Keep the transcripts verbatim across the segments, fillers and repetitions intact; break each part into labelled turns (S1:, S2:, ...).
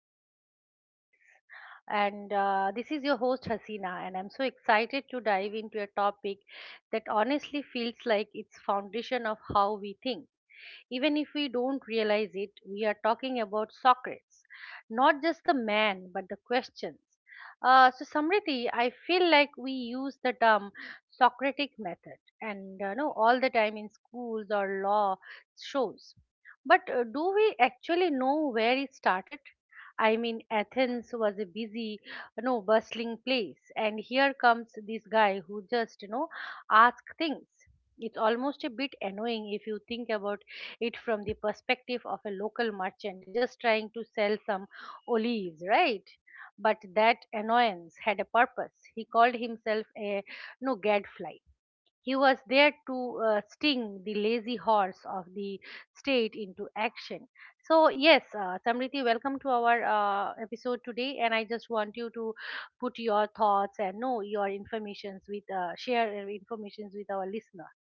S1: brand new series. And uh, this is your host Hasina, and I'm so excited to dive into a topic that honestly feels like it's foundation of how we think. Even if we don't realize it, we are talking about Socrates, not just the man, but the questions. Uh, so, Samriti, I feel like we use the term Socratic method and uh, know all the time in schools or law shows. But uh, do we actually know where it started? I mean, Athens was a busy, you know, bustling place, and here comes this guy who just, you know, asks things. It's almost a bit annoying if you think about it from the perspective of a local merchant just trying to sell some olives, right? But that annoyance had a purpose. He called himself a no gadfly. He was there to uh, sting the lazy horse of the state into action. So yes, uh, Samriti, welcome to our uh, episode today, and I just want you to put your thoughts and know your informations with uh, share your informations with our listeners.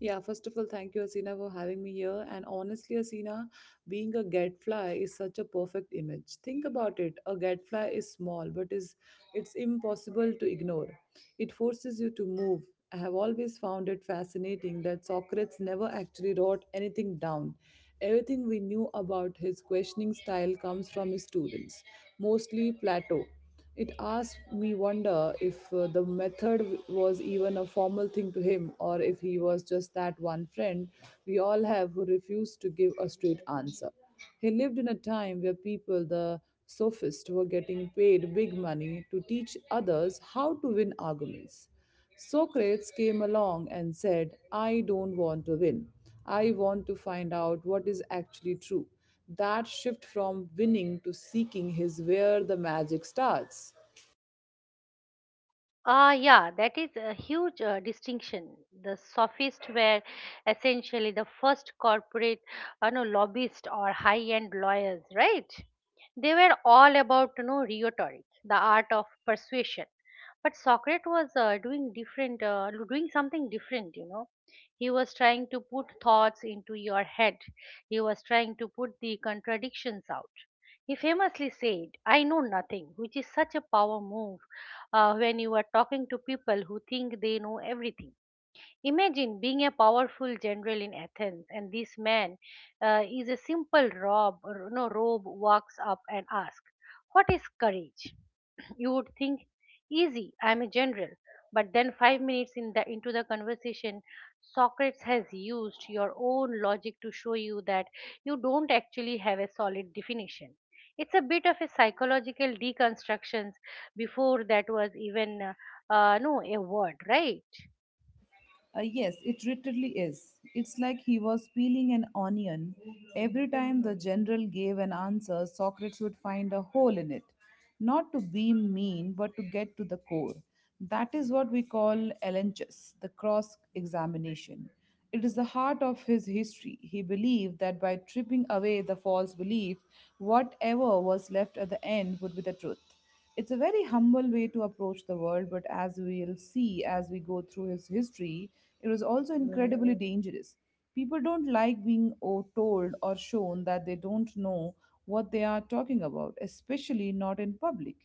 S2: Yeah, first of all, thank you, Asina, for having me here. And honestly, Asina, being a gadfly is such a perfect image. Think about it. A gadfly is small but is it's impossible to ignore. It forces you to move. I have always found it fascinating that Socrates never actually wrote anything down. Everything we knew about his questioning style comes from his students, mostly Plato. It asked me wonder if uh, the method was even a formal thing to him or if he was just that one friend we all have who refused to give a straight answer. He lived in a time where people, the sophists, were getting paid big money to teach others how to win arguments. Socrates came along and said, I don't want to win. I want to find out what is actually true. That shift from winning to seeking is where the magic starts.
S1: Ah, yeah, that is a huge uh, distinction. The sophists were essentially the first corporate, you know, lobbyists or high-end lawyers, right? They were all about, you know, rhetoric, the art of persuasion. But Socrates was uh, doing different, uh, doing something different, you know. He was trying to put thoughts into your head. He was trying to put the contradictions out. He famously said, I know nothing, which is such a power move uh, when you are talking to people who think they know everything. Imagine being a powerful general in Athens, and this man uh, is a simple rob, no robe, walks up and asks, "What is courage?" You would think, easy, I'm a general. But then, five minutes in the, into the conversation, Socrates has used your own logic to show you that you don't actually have a solid definition. It's a bit of a psychological deconstruction before that was even, uh, uh, no, a word, right?
S2: Uh, yes, it literally is. It's like he was peeling an onion. Every time the general gave an answer, Socrates would find a hole in it. Not to be mean, but to get to the core. That is what we call elenchus, the cross examination. It is the heart of his history. He believed that by tripping away the false belief, whatever was left at the end would be the truth. It's a very humble way to approach the world, but as we'll see as we go through his history, it was also incredibly dangerous. People don't like being o- told or shown that they don't know what they are talking about, especially not in public.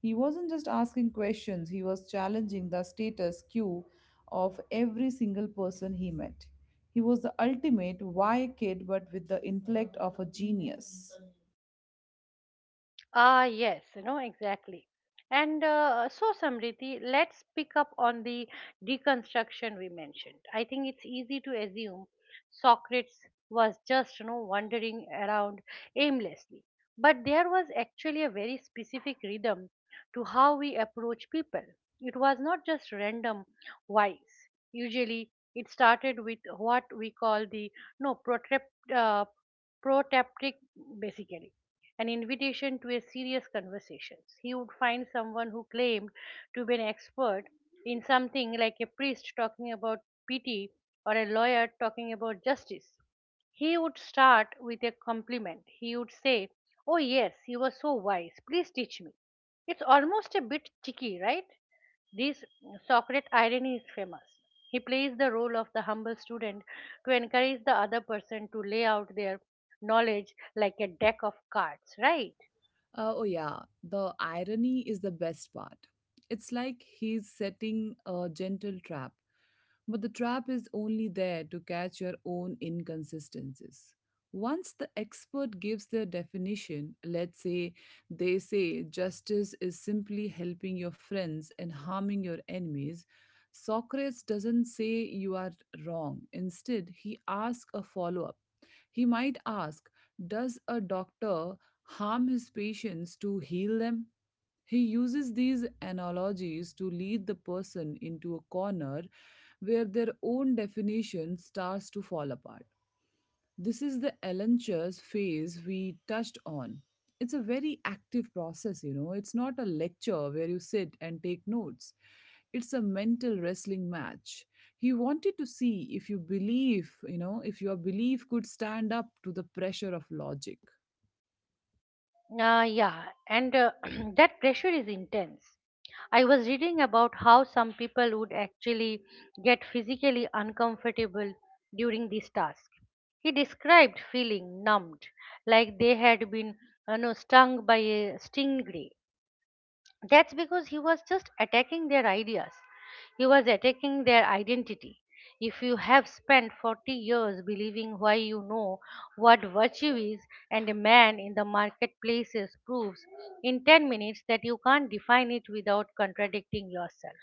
S2: He wasn't just asking questions, he was challenging the status quo of every single person he met. He was the ultimate why kid, but with the intellect of a genius.
S1: Ah, yes, you know, exactly. And uh, so, Samriti, let's pick up on the deconstruction we mentioned. I think it's easy to assume Socrates was just, you know, wandering around aimlessly. But there was actually a very specific rhythm to how we approach people. It was not just random wise. Usually, it started with what we call the no protrep, uh, protaptic, basically an invitation to a serious conversation. He would find someone who claimed to be an expert in something like a priest talking about pity or a lawyer talking about justice. He would start with a compliment. He would say, oh, yes, you were so wise. Please teach me. It's almost a bit cheeky, right? This Socrates irony is famous. He plays the role of the humble student to encourage the other person to lay out their knowledge like a deck of cards, right?
S2: Uh, oh, yeah. The irony is the best part. It's like he's setting a gentle trap, but the trap is only there to catch your own inconsistencies. Once the expert gives their definition, let's say they say justice is simply helping your friends and harming your enemies, Socrates doesn't say you are wrong. Instead, he asks a follow up he might ask, does a doctor harm his patients to heal them? He uses these analogies to lead the person into a corner where their own definition starts to fall apart. This is the Ellenchurch phase we touched on. It's a very active process, you know. It's not a lecture where you sit and take notes. It's a mental wrestling match. He wanted to see if you believe, you know, if your belief could stand up to the pressure of logic.
S1: Uh, yeah, and uh, that pressure is intense. I was reading about how some people would actually get physically uncomfortable during this task. He described feeling numbed, like they had been you know, stung by a stingray. That's because he was just attacking their ideas. He was attacking their identity. If you have spent forty years believing why you know what virtue is, and a man in the marketplaces proves in ten minutes that you can't define it without contradicting yourself,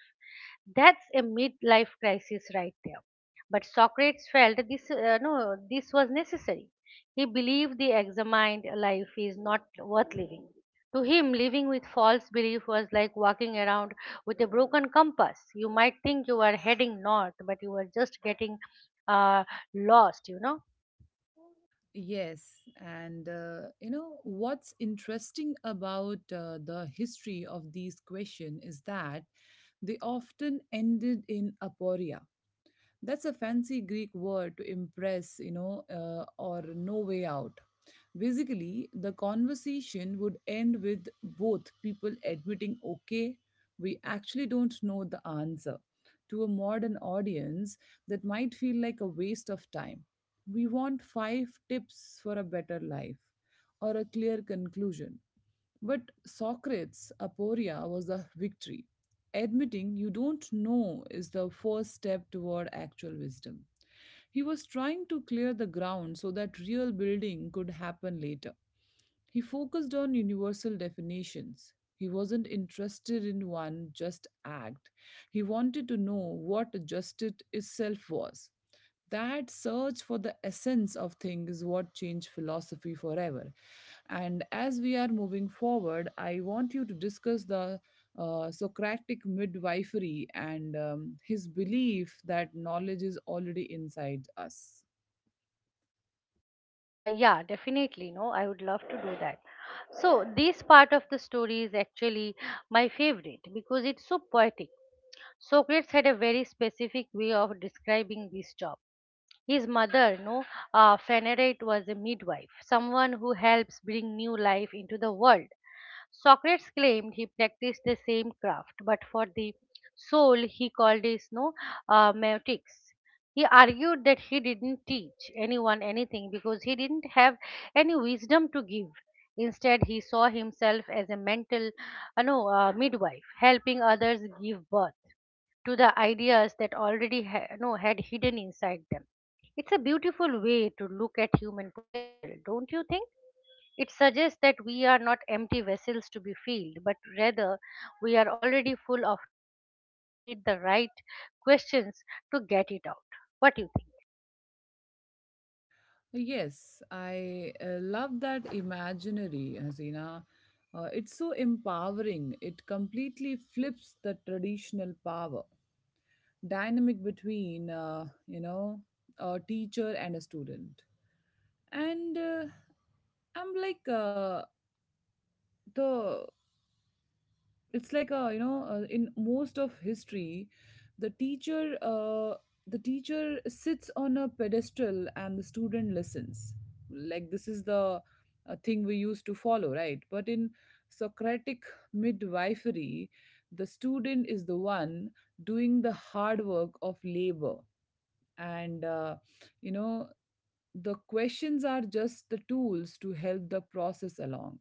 S1: that's a midlife crisis right there. But Socrates felt this uh, no this was necessary. He believed the examined life is not worth living. To him, living with false belief was like walking around with a broken compass. You might think you are heading north, but you are just getting uh, lost, you know.
S2: Yes, and uh, you know what's interesting about uh, the history of these questions is that they often ended in aporia. That's a fancy Greek word to impress, you know, uh, or no way out. Basically, the conversation would end with both people admitting, okay, we actually don't know the answer. To a modern audience, that might feel like a waste of time. We want five tips for a better life or a clear conclusion. But Socrates' aporia was the victory. Admitting you don't know is the first step toward actual wisdom. He was trying to clear the ground so that real building could happen later. He focused on universal definitions. He wasn't interested in one just act. He wanted to know what justice itself was. That search for the essence of things is what changed philosophy forever. And as we are moving forward, I want you to discuss the uh, Socratic midwifery and um, his belief that knowledge is already inside us.
S1: Uh, yeah, definitely. No, I would love to do that. So, this part of the story is actually my favorite because it's so poetic. Socrates had a very specific way of describing this job. His mother, no, uh, Pheneret, was a midwife, someone who helps bring new life into the world. Socrates claimed he practiced the same craft, but for the soul he called it no uh, meutics. He argued that he didn't teach anyone anything because he didn't have any wisdom to give. Instead, he saw himself as a mental, uh, no, uh, midwife, helping others give birth to the ideas that already ha- no, had hidden inside them. It's a beautiful way to look at human potential, don't you think? It suggests that we are not empty vessels to be filled, but rather we are already full of truth. We just need the right questions to get it out. What do you think?
S2: Yes, I uh, love that imaginary, Hasina. Uh, it's so empowering. It completely flips the traditional power dynamic between, uh, you know, a teacher and a student. And uh, I'm like uh, the it's like a you know uh, in most of history the teacher uh, the teacher sits on a pedestal and the student listens like this is the uh, thing we used to follow, right? But in socratic midwifery, the student is the one doing the hard work of labor, and uh, you know, the questions are just the tools to help the process along.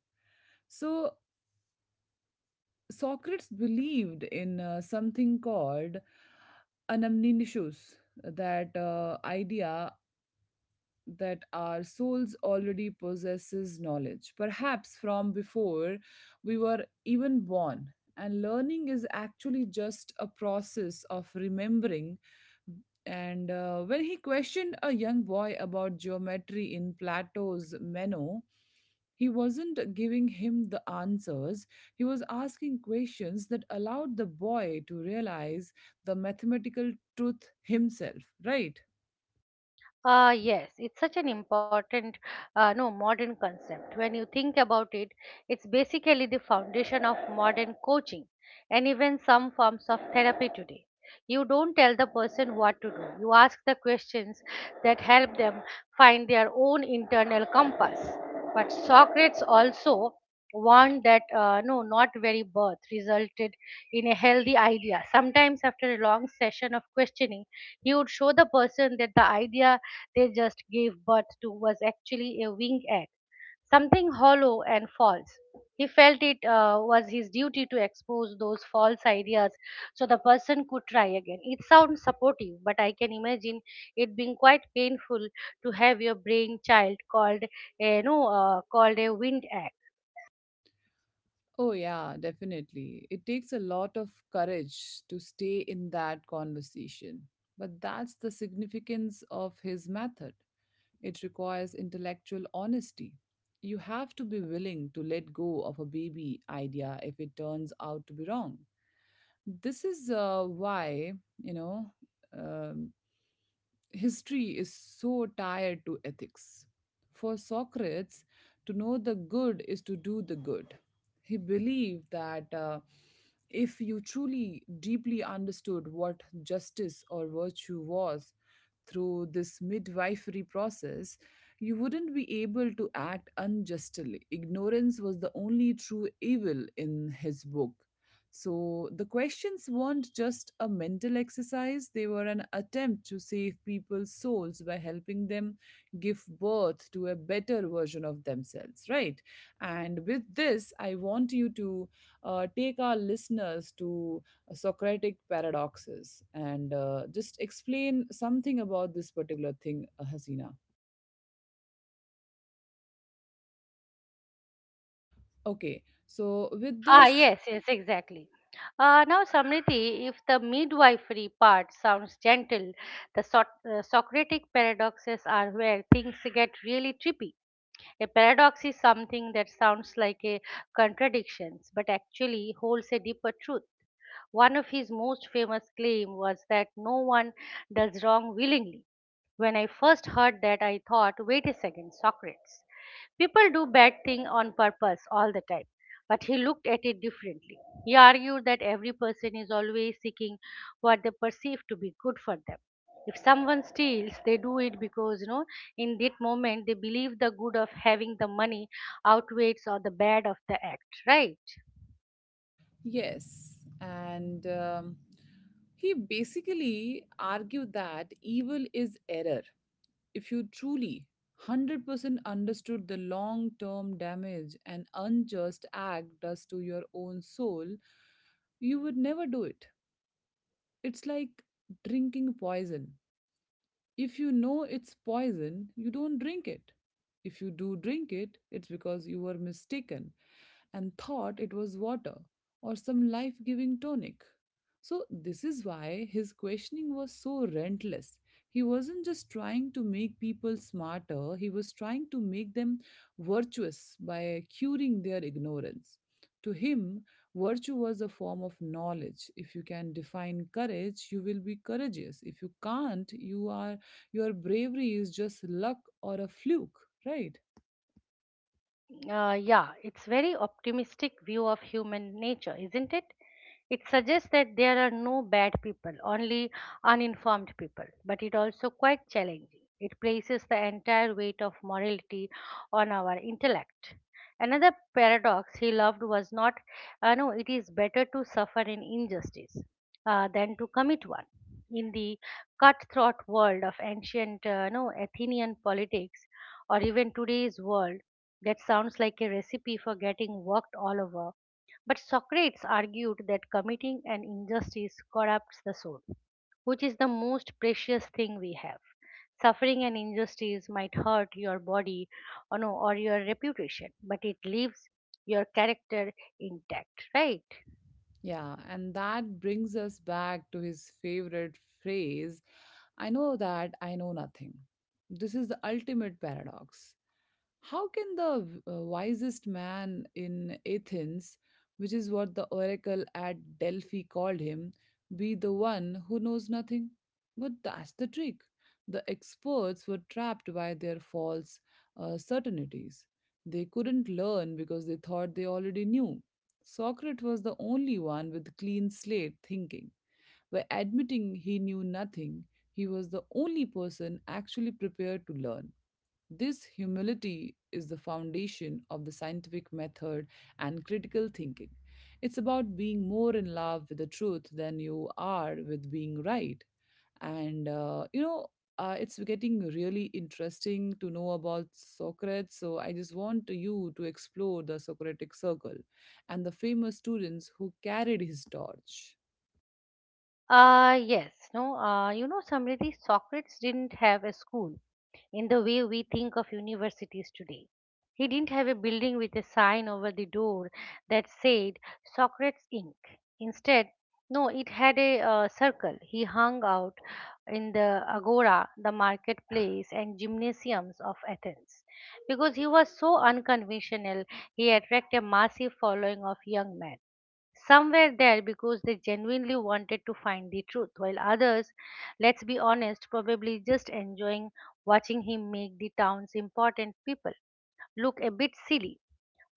S2: So Socrates believed in uh, something called anamnesis, that uh, idea that our souls already possesses knowledge, perhaps from before we were even born. And learning is actually just a process of remembering. And uh, when he questioned a young boy about geometry in Plato's Meno, he wasn't giving him the answers. He was asking questions that allowed the boy to realize the mathematical truth himself, right?
S1: Uh, yes, it's such an important, uh, no, modern concept. When you think about it, it's basically the foundation of modern coaching and even some forms of therapy today. You don't tell the person what to do, you ask the questions that help them find their own internal compass. But Socrates also warned that uh, no, not very birth resulted in a healthy idea. Sometimes, after a long session of questioning, he would show the person that the idea they just gave birth to was actually a winged egg, something hollow and false. He felt it uh, was his duty to expose those false ideas so the person could try again. It sounds supportive, but I can imagine it being quite painful to have your brain child called a, you know, uh, called a winged egg.
S2: Oh, yeah, definitely. It takes a lot of courage to stay in that conversation. But that's the significance of his method. It requires intellectual honesty. You have to be willing to let go of a baby idea if it turns out to be wrong. This is uh, why, you know, um, history is so tied to ethics. For Socrates, to know the good is to do the good. He believed that uh, if you truly deeply understood what justice or virtue was through this midwifery process, you wouldn't be able to act unjustly. Ignorance was the only true evil in his book. So the questions weren't just a mental exercise, they were an attempt to save people's souls by helping them give birth to a better version of themselves, right? And with this, I want you to uh, take our listeners to uh, Socratic paradoxes and uh, just explain something about this particular thing, uh, Hasina. Okay, so with
S1: Ah,
S2: this,
S1: yes, yes, exactly. Uh, now, Samriti, if the midwifery part sounds gentle, the Soc- uh, Socratic paradoxes are where things get really trippy. A paradox is something that sounds like a contradiction, but actually holds a deeper truth. One of his most famous claims was that no one does wrong willingly. When I first heard that, I thought, wait a second, Socrates. People do bad things on purpose all the time. But he looked at it differently. He argued that every person is always seeking what they perceive to be good for them. If someone steals, they do it because, you know, in that moment they believe the good of having the money outweighs or the bad of the act, right?
S2: yes, and um, he basically argued that evil is error. If you truly one hundred percent understood the long term damage an unjust act does to your own soul, you would never do it. It's like drinking poison. If you know it's poison, you don't drink it. If you do drink it, it's because you were mistaken and thought it was water or some life giving tonic. So, this is why his questioning was so relentless. He wasn't just trying to make people smarter, he was trying to make them virtuous by curing their ignorance. To him, virtue was a form of knowledge. If you can define courage, you will be courageous. If you can't, you are your bravery is just luck or a fluke, right?
S1: Uh, yeah, it's very optimistic view of human nature, isn't it? It suggests that there are no bad people, only uninformed people, but it also quite challenging. It places the entire weight of morality on our intellect. Another paradox he loved was not, uh, no, it is better to suffer an injustice uh, than to commit one. In the cutthroat world of ancient, uh, no, Athenian politics, or even today's world, that sounds like a recipe for getting worked all over. But Socrates argued that committing an injustice corrupts the soul, which is the most precious thing we have. Suffering an injustice might hurt your body or, no, or your reputation, but it leaves your character intact, right?
S2: Yeah, and that brings us back to his favorite phrase, I know that I know nothing. This is the ultimate paradox. How can the uh, wisest man in Athens, which is what the oracle at Delphi called him, be the one who knows nothing? But that's the trick. The experts were trapped by their false uh, certainties. They couldn't learn because they thought they already knew. Socrates was the only one with clean slate thinking. By admitting he knew nothing, he was the only person actually prepared to learn. This humility is the foundation of the scientific method and critical thinking. It's about being more in love with the truth than you are with being right. And, uh, you know, uh, it's getting really interesting to know about Socrates. So I just want you to explore the Socratic circle and the famous students who carried his torch.
S1: Uh, yes, no, uh, you know, Samriddhi, Socrates didn't have a school in the way we think of universities today. He didn't have a building with a sign over the door that said Socrates incorporated. Instead, no, it had a uh, circle. He hung out in the agora, the marketplace, and gymnasiums of Athens. Because he was so unconventional, he attracted a massive following of young men. Somewhere there because they genuinely wanted to find the truth, while others, let's be honest, probably just enjoying watching him make the town's important people look a bit silly.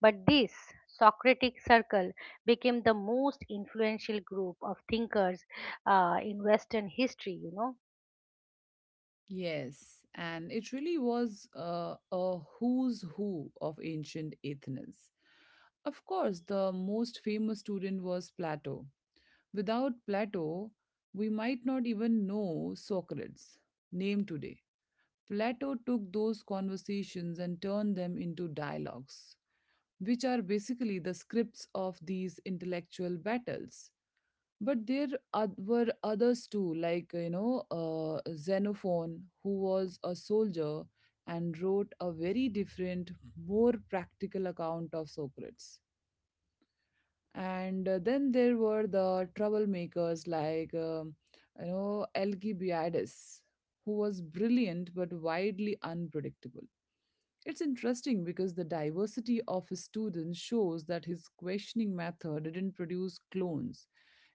S1: But this Socratic circle became the most influential group of thinkers uh, in Western history, you know.
S2: Yes, and it really was uh, a who's who of ancient Athens. Of course, the most famous student was Plato. Without Plato, we might not even know Socrates' name today. Plato took those conversations and turned them into dialogues, which are basically the scripts of these intellectual battles. But there oth- were others too, like, you know, uh, Xenophon, who was a soldier and wrote a very different, more practical account of Socrates. And uh, then there were the troublemakers like, um, you know, Alcibiades, who was brilliant but widely unpredictable. It's interesting because the diversity of his students shows that his questioning method didn't produce clones.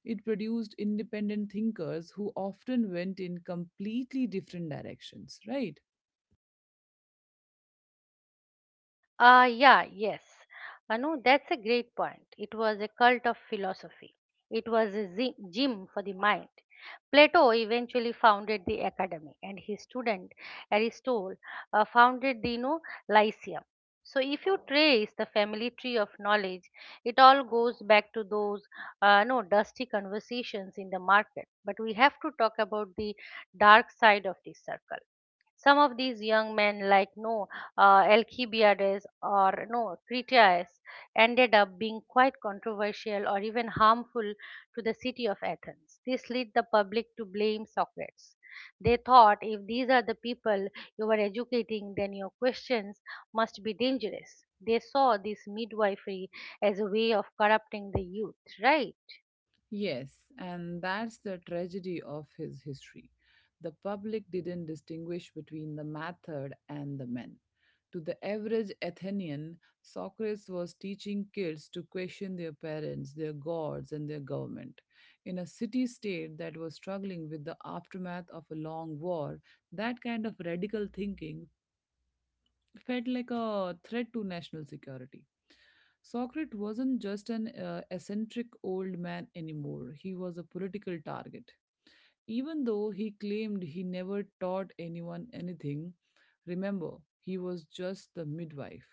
S2: It produced independent thinkers who often went in completely different directions, right?
S1: Ah, yeah, yes. Uh, no, that's a great point. It was a cult of philosophy. It was a zi- gym for the mind. Plato eventually founded the academy, and his student Aristotle uh, founded the you know, Lyceum. So, if you trace the family tree of knowledge, it all goes back to those uh, no dusty conversations in the market. But we have to talk about the dark side of this circle. Some of these young men, like no uh, Alcibiades or no Critias, ended up being quite controversial or even harmful to the city of Athens. This led the public to blame Socrates. They thought if these are the people you are educating, then your questions must be dangerous. They saw this midwifery as a way of corrupting the youth, right?
S2: Yes, and that's the tragedy of his history. The public didn't distinguish between the method and the men. To the average Athenian, Socrates was teaching kids to question their parents, their gods, and their government. In a city state that was struggling with the aftermath of a long war, that kind of radical thinking felt like a threat to national security. Socrates wasn't just an uh, eccentric old man anymore, he was a political target. Even though he claimed he never taught anyone anything, remember, he was just the midwife.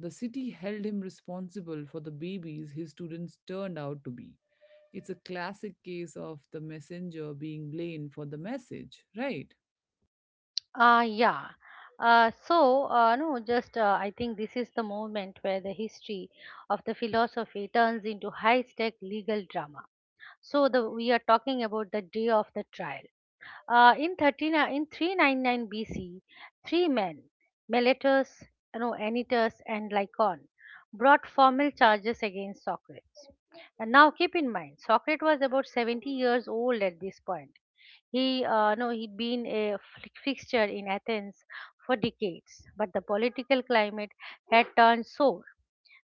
S2: The city held him responsible for the babies his students turned out to be. It's a classic case of the messenger being blamed for the message, right?
S1: Uh, yeah. Uh, so, uh, no, just uh, I think this is the moment where the history of the philosophy turns into high-stake legal drama. So, the, we are talking about the day of the trial. Uh, in thirteen, uh, in three ninety-nine B C, three men, Meletus, no, Anytus, and Lycon, brought formal charges against Socrates. And now keep in mind, Socrates was about seventy years old at this point. He, uh, no, he'd been a fi- fixture in Athens for decades, but the political climate had turned sour.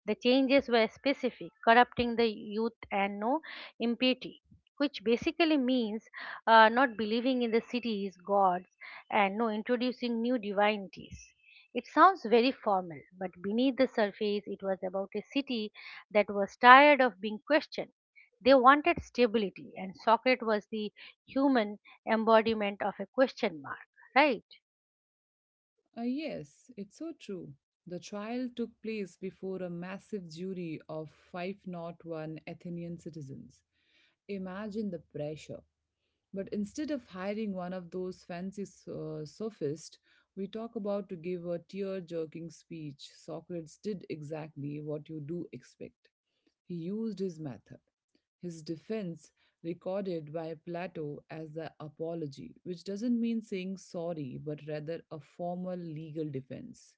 S1: The changes were specific: corrupting the youth and no impiety, which basically means uh, not believing in the city's gods and no introducing new divinities. It sounds very formal, but beneath the surface, it was about a city that was tired of being questioned. They wanted stability, and Socrates was the human embodiment of a question mark, right?
S2: Uh, yes, it's so true. The trial took place before a massive jury of five oh one Athenian citizens. Imagine the pressure. But instead of hiring one of those fancy uh, sophists we talk about to give a tear jerking speech, Socrates did exactly what you do expect. He used his method. His defense, recorded by Plato as the apology, which doesn't mean saying sorry but rather a formal legal defense,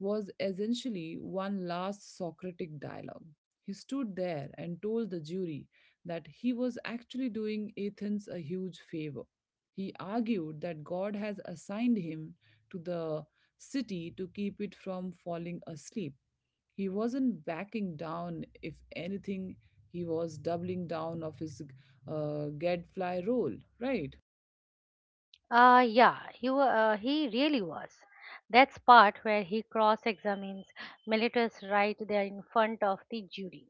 S2: was essentially one last Socratic dialogue. He stood there and told the jury that he was actually doing Athens a huge favor. He argued that God has assigned him to the city to keep it from falling asleep. He wasn't backing down. If anything, he was doubling down of his uh, gadfly role, right?
S1: Uh, yeah, he, wa- uh, he really was. That's part where he cross-examines militants right there in front of the jury.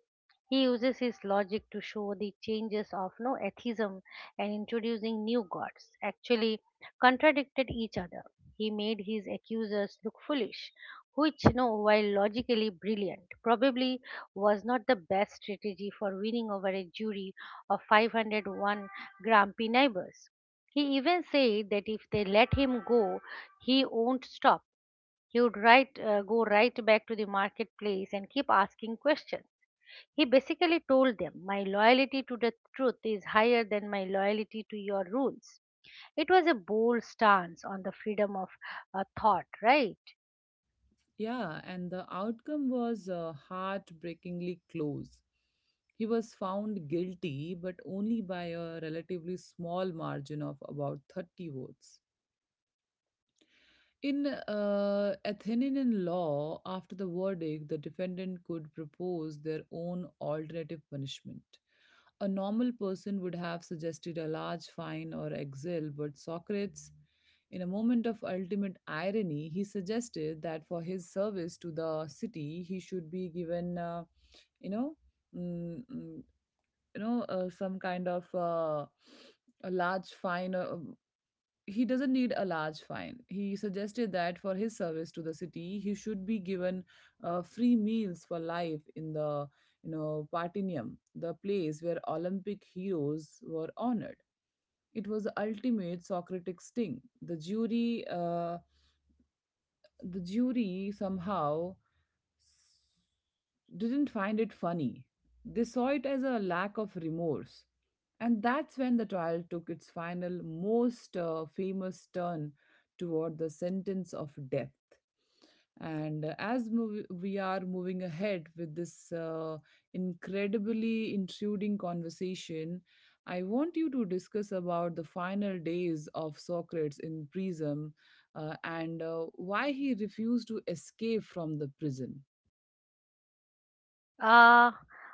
S1: He uses his logic to show the changes of no atheism and introducing new gods actually contradicted each other. He made his accusers look foolish, which, no, while logically brilliant, probably was not the best strategy for winning over a jury of five hundred one grumpy neighbors. He even said that if they let him go, he won't stop. He would right, uh, go right back to the marketplace and keep asking questions. He basically told them, "My loyalty to the truth is higher than my loyalty to your rules." It was a bold stance on the freedom of uh, thought, right?
S2: Yeah, and the outcome was uh, heartbreakingly close. He was found guilty, but only by a relatively small margin of about thirty votes. In uh, Athenian law, after the verdict, the defendant could propose their own alternative punishment. A normal person would have suggested a large fine or exile, but Socrates, in a moment of ultimate irony, he suggested that for his service to the city, he should be given, uh, you know, mm, mm, you know, uh, some kind of uh, a large fine. Uh, he doesn't need a large fine. He suggested that for his service to the city, he should be given uh, free meals for life in the you know Partinium, the place where Olympic heroes were honored. It was the ultimate Socratic sting. The jury, uh, the jury somehow didn't find it funny. They saw it as a lack of remorse. And that's when the trial took its final, most uh, famous turn toward the sentence of death. And uh, as mov- we are moving ahead with this uh, incredibly intruding conversation, I want you to discuss about the final days of Socrates in prison uh, and uh, why he refused to escape from the prison.
S1: Uh,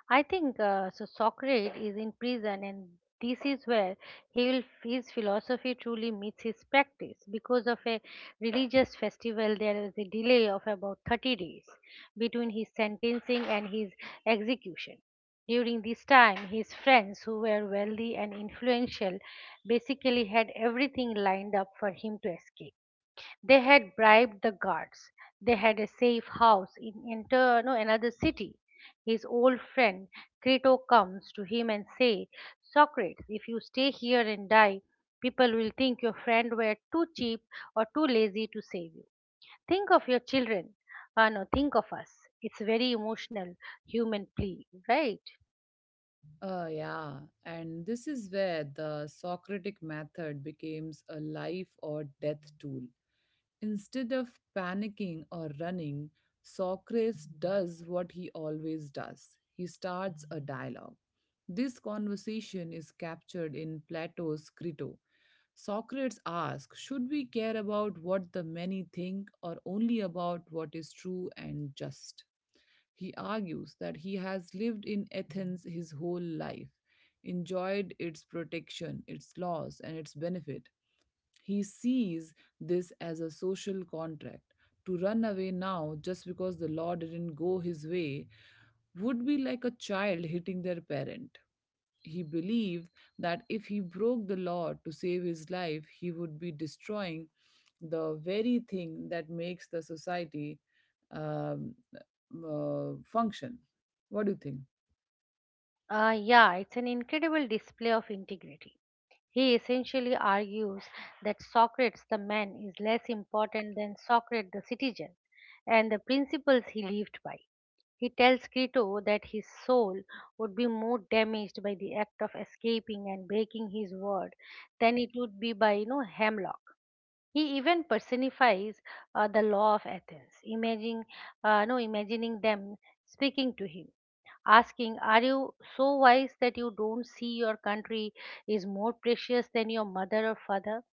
S1: I think uh, so. Socrates is in prison, and this is where he will, his philosophy truly meets his practice. Because of a religious festival, there was a delay of about thirty days between his sentencing and his execution. During this time, his friends, who were wealthy and influential, basically had everything lined up for him to escape. They had bribed the guards. They had a safe house in enter, no, another city. His old friend Crito comes to him and say, "Socrates, if you stay here and die, people will think your friend were too cheap or too lazy to save you. Think of your children. Uh, no, Think of us." It's very emotional human plea, right?
S2: Uh, yeah, and this is where the Socratic method becomes a life or death tool. Instead of panicking or running, Socrates does what he always does. He starts a dialogue. This conversation is captured in Plato's Crito. Socrates asks, "Should we care about what the many think or only about what is true and just?" He argues that he has lived in Athens his whole life, enjoyed its protection, its laws, and its benefit. He sees this as a social contract. To run away now just because the law didn't go his way would be like a child hitting their parent. He believed that if he broke the law to save his life, he would be destroying the very thing that makes the society um, uh, function. What do you think?
S1: Uh, yeah, it's an incredible display of integrity. He essentially argues that Socrates the man is less important than Socrates the citizen and the principles he lived by. He tells Crito that his soul would be more damaged by the act of escaping and breaking his word than it would be by you know hemlock. He even personifies uh, the law of Athens, imagining, uh, no, imagining them speaking to him, asking, "Are you so wise that you don't see your country is more precious than your mother or father?"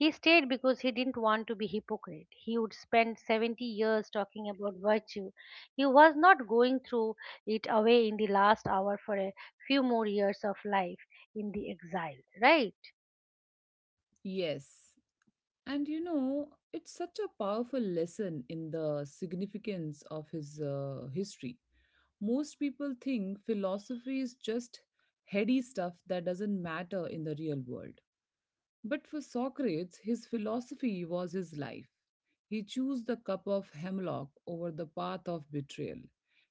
S1: He stayed because he didn't want to be hypocrite. He would spend seventy years talking about virtue. He was not going through it away in the last hour for a few more years of life in the exile, right?
S2: Yes. And you know, it's such a powerful lesson in the significance of his uh, history. Most people think philosophy is just heady stuff that doesn't matter in the real world. But for Socrates, his philosophy was his life. He chose the cup of hemlock over the path of betrayal.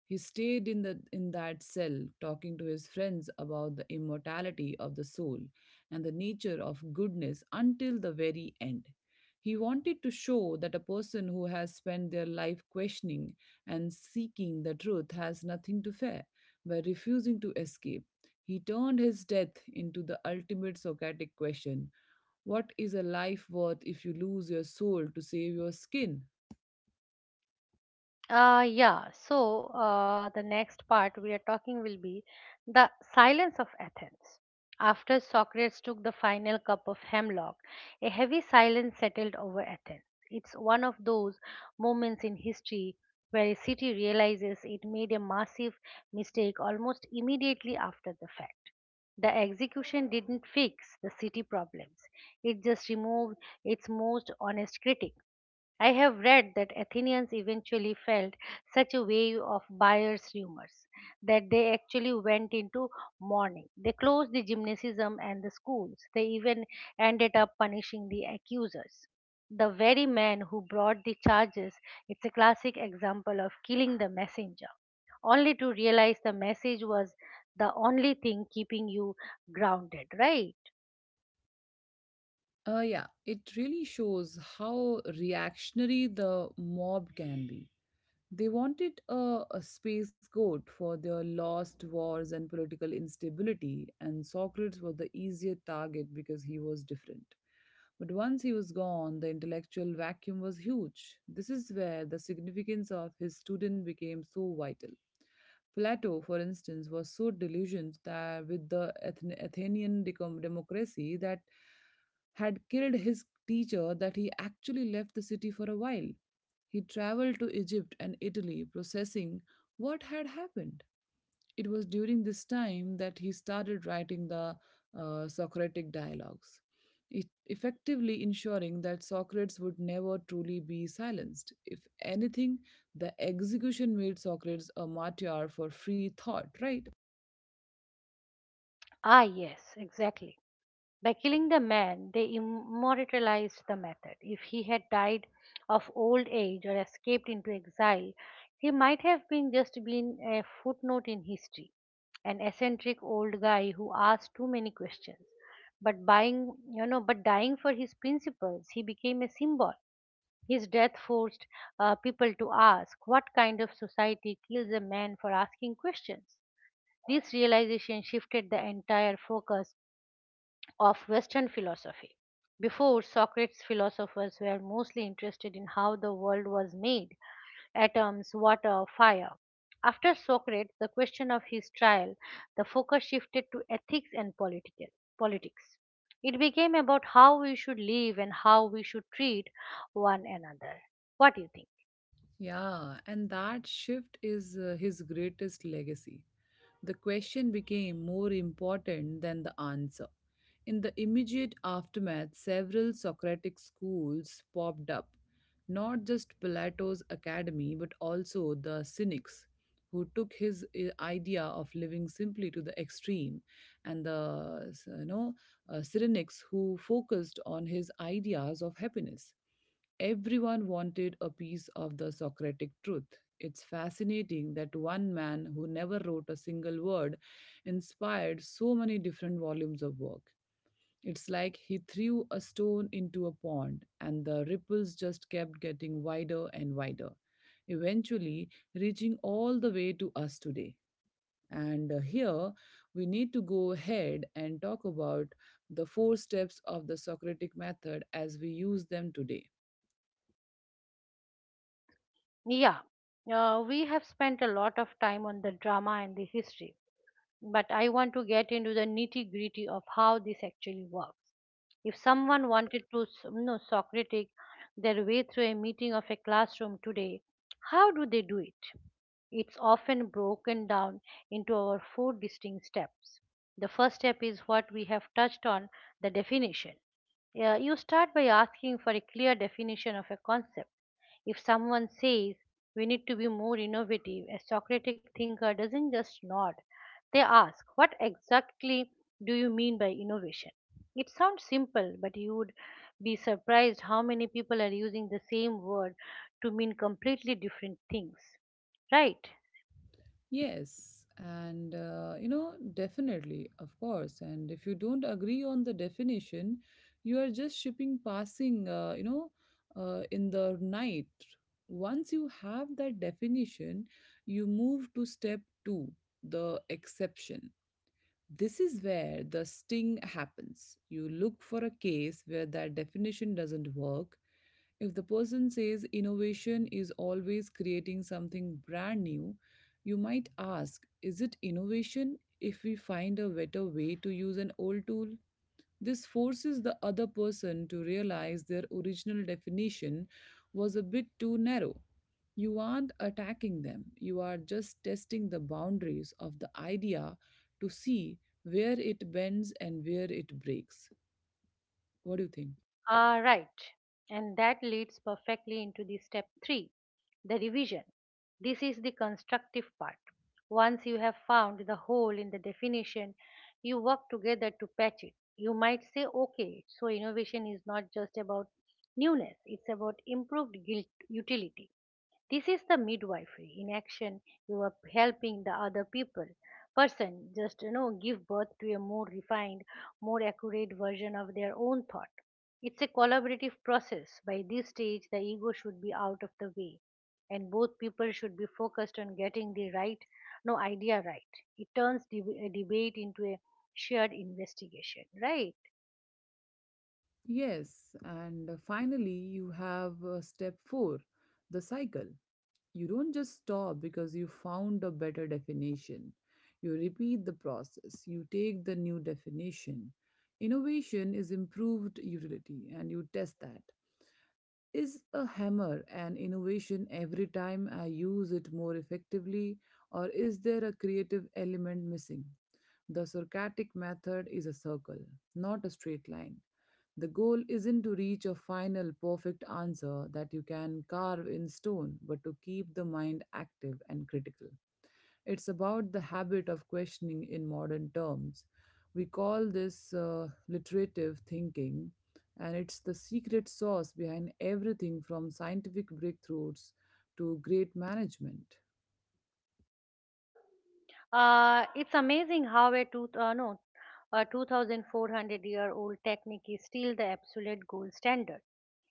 S2: He stayed in, the, in that cell, talking to his friends about the immortality of the soul and the nature of goodness until the very end. He wanted to show that a person who has spent their life questioning and seeking the truth has nothing to fear by refusing to escape. He turned his death into the ultimate Socratic question: what is a life worth if you lose your soul to save your skin?
S1: Uh, yeah, so uh, the next part we are talking will be the silence of Athens. After Socrates took the final cup of hemlock, a heavy silence settled over Athens. It's one of those moments in history where a city realizes it made a massive mistake almost immediately after the fact. The execution didn't fix the city problems, it just removed its most honest critic. I have read that Athenians eventually felt such a wave of buyer's rumors that they actually went into mourning. They closed the gymnasium and the schools. They even ended up punishing the accusers, the very man who brought the charges. It's a classic example of killing the messenger, only to realize the message was the only thing keeping you grounded, right?
S2: Uh, yeah, it really shows how reactionary the mob can be. They wanted a, a space goat for their lost wars and political instability, and Socrates was the easier target because he was different. But once he was gone, the intellectual vacuum was huge. This is where the significance of his student became so vital. Plato, for instance, was so delusioned that with the Athen- Athenian decom- democracy that had killed his teacher that he actually left the city for a while. He traveled to Egypt and Italy, processing what had happened. It was during this time that he started writing the uh, Socratic dialogues, e- effectively ensuring that Socrates would never truly be silenced. If anything, the execution made Socrates a martyr for free thought, right?
S1: Ah, yes, exactly. By killing the man, they immortalized the method. If he had died of old age or escaped into exile, he might have been just been a footnote in history, an eccentric old guy who asked too many questions. But buying, you know, but dying for his principles, he became a symbol. His death forced uh, people to ask, what kind of society kills a man for asking questions? This realization shifted the entire focus of Western philosophy. Before Socrates, philosophers were mostly interested in how the world was made: atoms, water, fire. After Socrates, the question of his trial, the focus shifted to ethics and political, politics. It became about how we should live and how we should treat one another. What do you think?
S2: Yeah, and that shift is uh, his greatest legacy. The question became more important than the answer. In the immediate aftermath, several Socratic schools popped up, not just Plato's academy, but also the Cynics, who took his uh, idea of living simply to the extreme, and the you know, uh, Cynics, who focused on his ideas of happiness. Everyone wanted a piece of the Socratic truth. It's fascinating that one man who never wrote a single word inspired so many different volumes of work. It's like he threw a stone into a pond, and the ripples just kept getting wider and wider, eventually reaching all the way to us today. And uh, here we need to go ahead and talk about the four steps of the Socratic method as we use them today.
S1: Yeah, uh, we have spent a lot of time on the drama and the history, but I want to get into the nitty gritty of how this actually works. If someone wanted to s- you know, Socratic their way through a meeting of a classroom today, how do they do it? It's often broken down into our four distinct steps. The first step is what we have touched on: the definition. Yeah, you start by asking for a clear definition of a concept. If someone says we need to be more innovative, a Socratic thinker doesn't just nod. They ask, what exactly do you mean by innovation? It sounds simple, but you would be surprised how many people are using the same word to mean completely different things. Right?
S2: Yes, and uh, you know, definitely, of course. And if you don't agree on the definition, you are just shipping passing, uh, you know, uh, in the night. Once you have that definition, you move to step two, the exception. This is where the sting happens. You look for a case where that definition doesn't work. If the person says innovation is always creating something brand new, you might ask, is it innovation if we find a better way to use an old tool? This forces the other person to realize their original definition was a bit too narrow. You aren't attacking them, you are just testing the boundaries of the idea to see where it bends and where it breaks. What do you think?
S1: Ah, right. And that leads perfectly into the step three, the revision. This is the constructive part. Once you have found the hole in the definition, you work together to patch it. You might say, okay, so innovation is not just about newness, it's about improved guilt utility. This is the midwifery in action. You are helping the other people person just you know give birth to a more refined, more accurate version of their own thought. It's a collaborative process. By this stage, the ego should be out of the way, and both people should be focused on getting the right, no idea right. It turns deb- a debate into a shared investigation, right?
S2: Yes, and uh, finally, you have uh, step four, the cycle. You don't just stop because you found a better definition. You repeat the process. You take the new definition. Innovation is improved utility, and you test that. Is a hammer an innovation every time I use it more effectively, or is there a creative element missing? The Socratic method is a circle, not a straight line. The goal isn't to reach a final perfect answer that you can carve in stone, but to keep the mind active and critical. It's about the habit of questioning. In modern terms, we call this uh, literative thinking, and it's the secret sauce behind everything from scientific breakthroughs to great management.
S1: Uh, it's amazing how a two, uh, no, a two thousand four hundred year old technique is still the absolute gold standard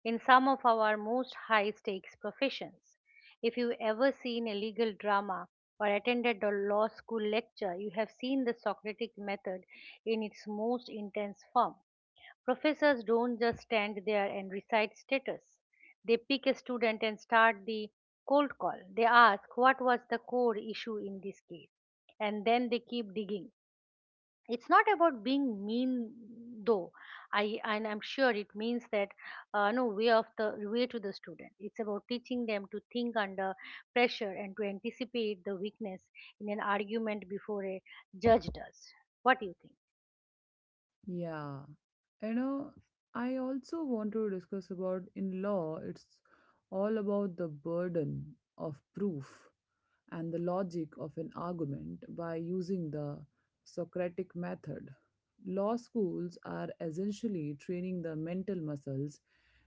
S1: in some of our most high stakes professions. If you've ever seen a legal drama or attended a law school lecture, you have seen the Socratic method in its most intense form. Professors don't just stand there and recite status. They pick a student and start the cold call. They ask, what was the core issue in this case, and then they keep digging. It's not about being mean though. I and I'm sure it means that uh, no way of the way to the student. It's about teaching them to think under pressure and to anticipate the weakness in an argument before a judge does. What do you think?
S2: Yeah. You know, I also want to discuss about in law, it's all about the burden of proof and the logic of an argument by using the Socratic method. Law schools are essentially training the mental muscles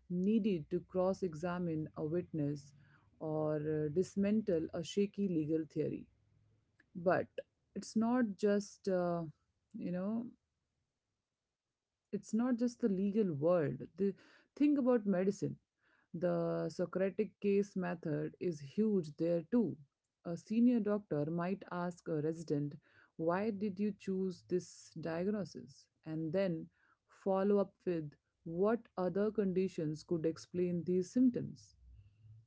S2: needed to cross examine a witness or uh, dismantle a shaky legal theory. But it's not just, uh, you know, it's not just the legal world. The Think about medicine. The Socratic case method is huge there too. A senior doctor might ask a resident, "Why did you choose this diagnosis?" and then follow up with, "What other conditions could explain these symptoms?"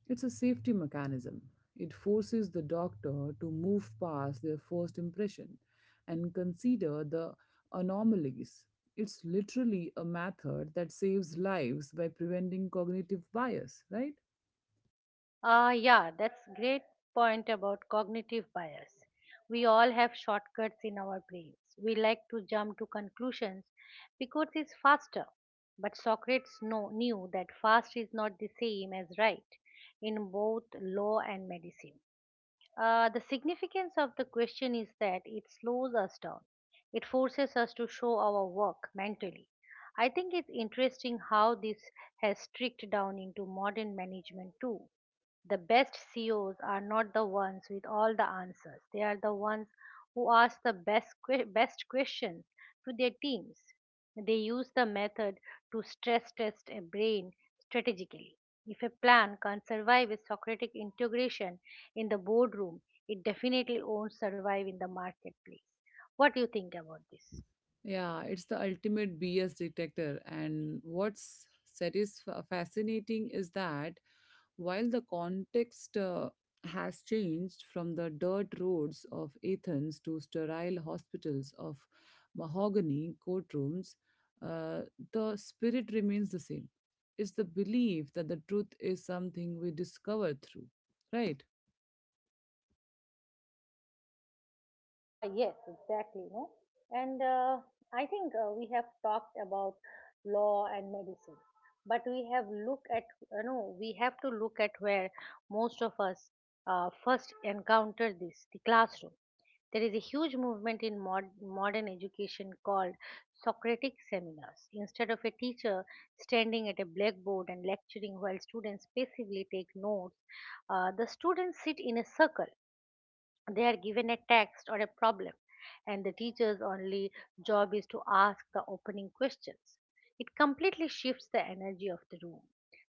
S2: It's a safety mechanism. It forces the doctor to move past their first impression and consider the anomalies. It's literally a method that saves lives by preventing cognitive bias, right?
S1: Ah, yeah, that's great point about cognitive bias. We all have shortcuts in our brains. We like to jump to conclusions because it's faster. But Socrates know, knew that fast is not the same as right in both law and medicine. Uh, the significance of the question is that it slows us down. It forces us to show our work mentally. I think it's interesting how this has tricked down into modern management too. The best C E Os are not the ones with all the answers. They are the ones who ask the best que- best questions to their teams. They use the method to stress test a brain strategically. If a plan can't survive a Socratic integration in the boardroom, it definitely won't survive in the marketplace. What do you think about this?
S2: Yeah, it's the ultimate B S detector. And what's satisf- fascinating is that while the context uh, has changed from the dirt roads of Athens to sterile hospitals of mahogany courtrooms, uh, the spirit remains the same. It's the belief that the truth is something we discover through, right?
S1: Uh, yes, exactly. No, and uh, I think uh, we have talked about law and medicine, but we have look at you know we have to look at where most of us uh, first encounter this: the classroom. There is a huge movement in mod- modern education called Socratic seminars. Instead of a teacher standing at a blackboard and lecturing while students passively take notes, uh, the students sit in a circle. They are given a text or a problem, and the teacher's only job is to ask the opening questions. It completely shifts the energy of the room.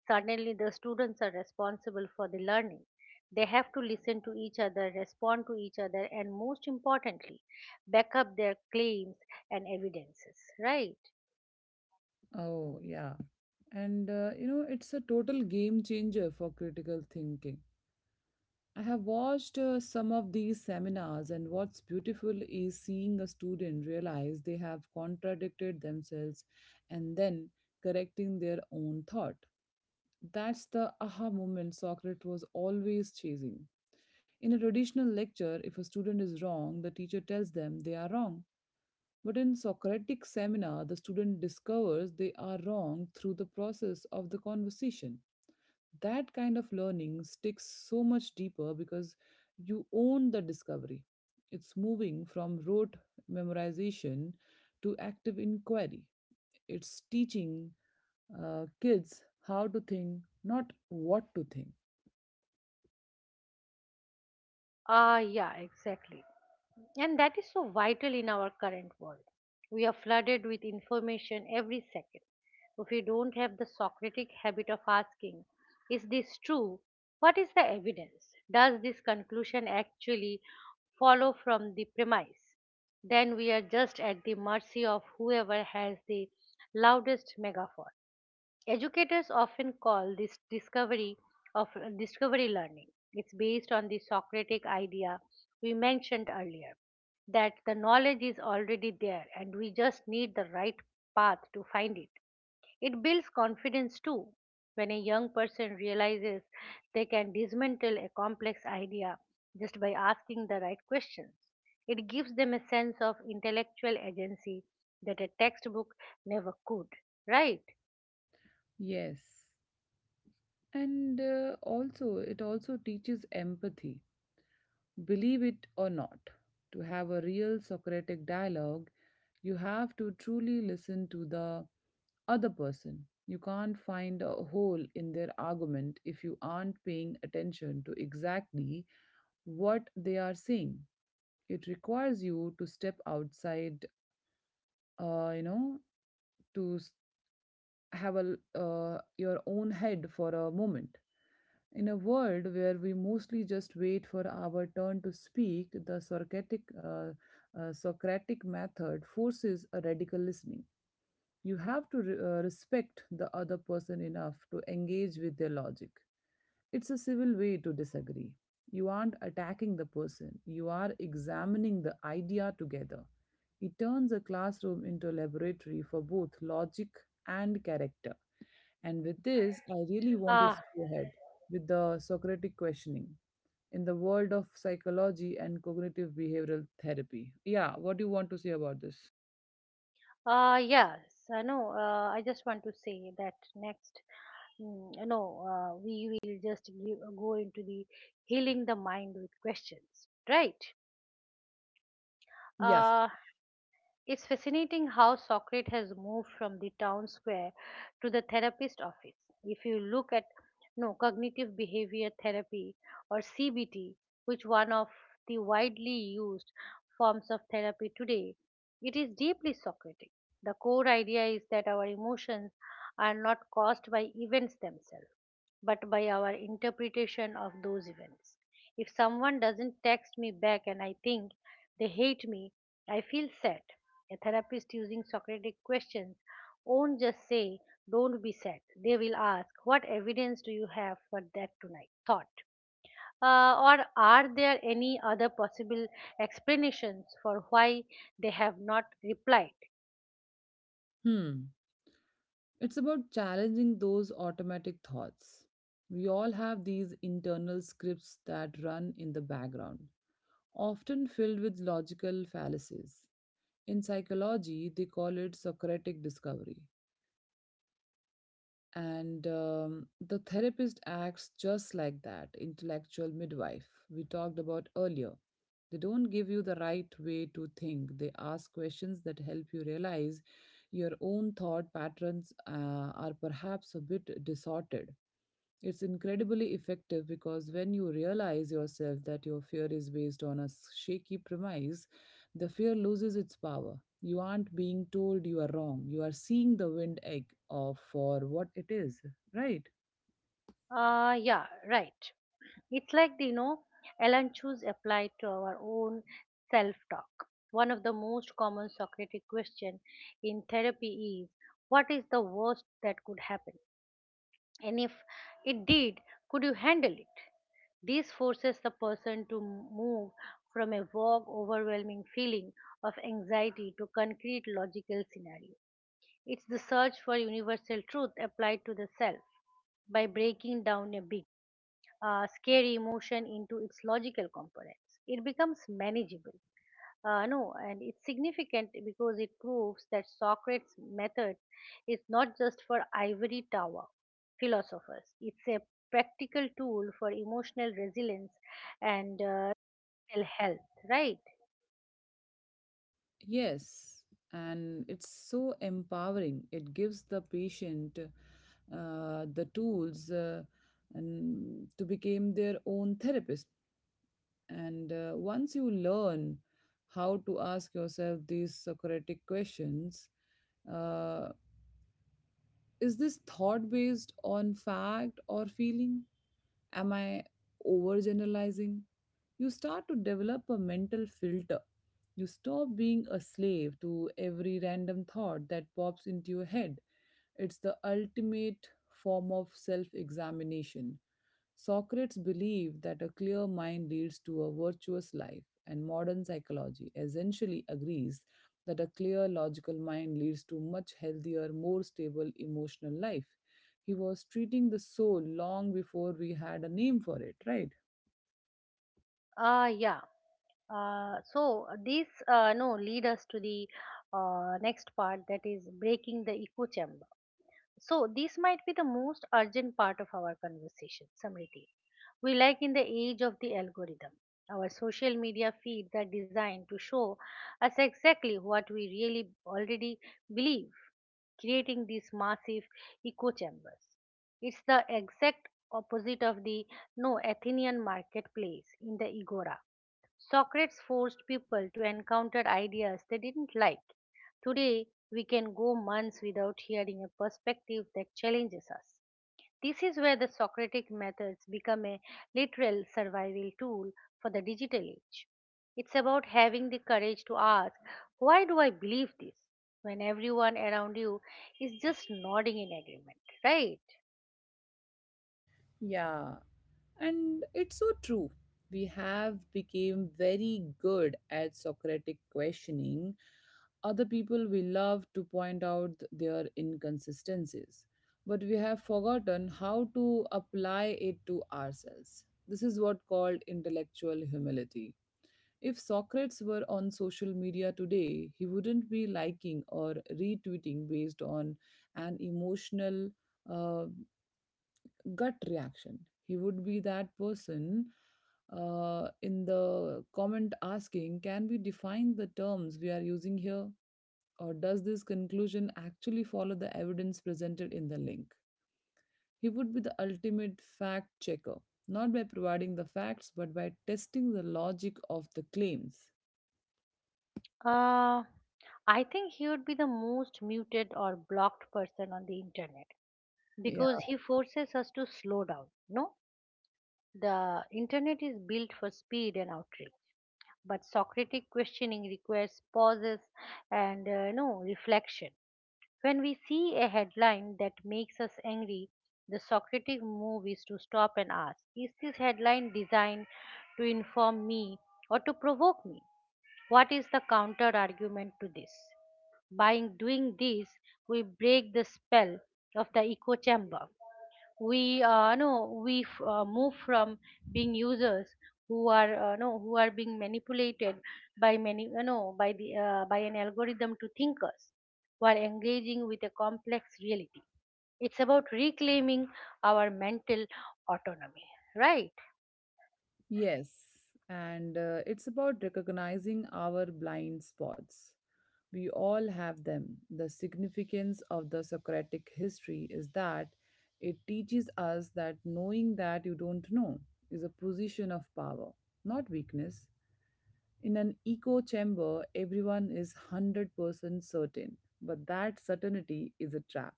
S1: Suddenly the students are responsible for the learning. They have to listen to each other, respond to each other, and most importantly back up their claims and evidences, right?
S2: Oh, yeah. And uh, you know, it's a total game changer for critical thinking. I have watched uh, some of these seminars, and what's beautiful is seeing a student realize they have contradicted themselves and then correcting their own thought. That's the aha moment Socrates was always chasing. In a traditional lecture, if a student is wrong, the teacher tells them they are wrong. But in Socratic seminar, the student discovers they are wrong through the process of the conversation. That kind of learning sticks so much deeper because you own the discovery. It's moving from rote memorization to active inquiry. It's teaching uh, kids how to think, not what to think.
S1: Ah, yeah, exactly. And that is so vital in our current world. We are flooded with information every second. If we don't have the Socratic habit of asking, is this true? What is the evidence? Does this conclusion actually follow from the premise? Then we are just at the mercy of whoever has the loudest megaphone. Educators often call this discovery of discovery learning. It's based on the Socratic idea we mentioned earlier that the knowledge is already there and we just need the right path to find it. It builds confidence too. When a young person realizes they can dismantle a complex idea just by asking the right questions, it gives them a sense of intellectual agency that a textbook never could. Right?
S2: Yes. And uh, also, it also teaches empathy. Believe it or not, to have a real Socratic dialogue, you have to truly listen to the other person. You can't find a hole in their argument if you aren't paying attention to exactly what they are saying. It requires you to step outside, uh, you know, to s- have a l- uh, your own head for a moment. In a world where we mostly just wait for our turn to speak, the Socratic, uh, uh, Socratic method forces a radical listening. You have to re- uh, respect the other person enough to engage with their logic. It's a civil way to disagree. You aren't attacking the person, you are examining the idea together. It turns a classroom into a laboratory for both logic and character. And with this, I really wanted to
S1: Ah,
S2: go ahead with the Socratic questioning in the world of psychology and cognitive behavioral therapy. Yeah, what do you want to say about this?
S1: Uh, yes, I know. Uh, I just want to say that next, mm, you know, uh, we will just give, go into the healing the mind with questions, right?
S2: Yeah.
S1: Uh, it's fascinating how Socrates has moved from the town square to the therapist office. If you look at no cognitive behavior therapy or C B T, which one of the widely used forms of therapy today, it is deeply Socratic. The core idea is that our emotions are not caused by events themselves, but by our interpretation of those events. If someone doesn't text me back and I think they hate me, I feel sad. A therapist using Socratic questions won't just say, "Don't be sad." They will ask, "What evidence do you have for that tonight? Thought. Uh, or are there any other possible explanations for why they have not replied?"
S2: Hmm. It's about challenging those automatic thoughts. We all have these internal scripts that run in the background, often filled with logical fallacies. In psychology, they call it Socratic discovery. And um, the therapist acts just like that intellectual midwife we talked about earlier. They don't give you the right way to think, they ask questions that help you realize your own thought patterns uh, are perhaps a bit distorted. It's incredibly effective because when you realize yourself that your fear is based on a s- shaky premise, the fear loses its power. You aren't being told you are wrong. You are seeing the wind egg of for what it is, right?
S1: Uh, yeah, right. It's like, the, you know, Alan choose applied to our own self talk. One of the most common Socratic question in therapy is, what is the worst that could happen? And if it did, could you handle it? This forces the person to move from a vague, overwhelming feeling of anxiety to concrete, logical scenario. It's the search for universal truth applied to the self by breaking down a big, uh, scary emotion into its logical components. It becomes manageable. Uh, no, And it's significant because it proves that Socrates' method is not just for ivory tower philosophers. It's a practical tool for emotional resilience and uh, mental health, right?
S2: Yes, and it's so empowering. It gives the patient uh, the tools uh, and to become their own therapist. And uh, Once you learn how to ask yourself these Socratic questions, uh, is this thought based on fact or feeling? Am I overgeneralizing? You start to develop a mental filter. You stop being a slave to every random thought that pops into your head. It's the ultimate form of self examination. Socrates believed that a clear mind leads to a virtuous life, and modern psychology essentially agrees that a clear logical mind leads to much healthier, more stable emotional life. He was treating the soul long before we had a name for it, right?
S1: Uh, yeah. Uh, so this uh, no lead us to the uh, next part that is breaking the echo chamber. So, this might be the most urgent part of our conversation, Samriti. We like in the age of the algorithm. Our social media feeds are designed to show us exactly what we really already believe, creating these massive echo chambers. It's the exact opposite of the no Athenian marketplace in the agora. Socrates forced people to encounter ideas they didn't like. Today, we can go months without hearing a perspective that challenges us. This is where the Socratic methods become a literal survival tool for the digital age. It's about having the courage to ask, why do I believe this, when everyone around you is just nodding in agreement, right?
S2: Yeah, and it's so true, we have become very good at socratic questioning other people, we love to point out their inconsistencies, but we have forgotten how to apply it to ourselves. This is what called intellectual humility. If socrates were on social media today, he wouldn't be liking or retweeting based on an emotional uh, gut reaction. He would be that person uh, in the comment asking, can we define the terms we are using here? Or does this conclusion actually follow the evidence presented in the link? He would be the ultimate fact checker, not by providing the facts, but by testing the logic of the claims.
S1: Uh, I think he would be the most muted or blocked person on the internet,
S2: Yeah.
S1: because he forces us to slow down. No, The internet is built for speed and outreach, but Socratic questioning requires pauses and uh, no reflection. When we see a headline that makes us angry, the Socratic move is to stop and ask: is this headline designed to inform me or to provoke me? What is the counter argument to this? By doing this, we break the spell of the echo chamber. We uh, no, we f- uh, move from being users who are uh, no, who are being manipulated by many uh, no, by the uh, by an algorithm to thinkers who are engaging with a complex reality. It's about reclaiming our mental autonomy, right?
S2: Yes. And uh, It's about recognizing our blind spots. We all have them. The significance of the Socratic history is that it teaches us that knowing that you don't know is a position of power, not weakness. In an echo chamber, everyone is one hundred percent certain, but that certainty is a trap,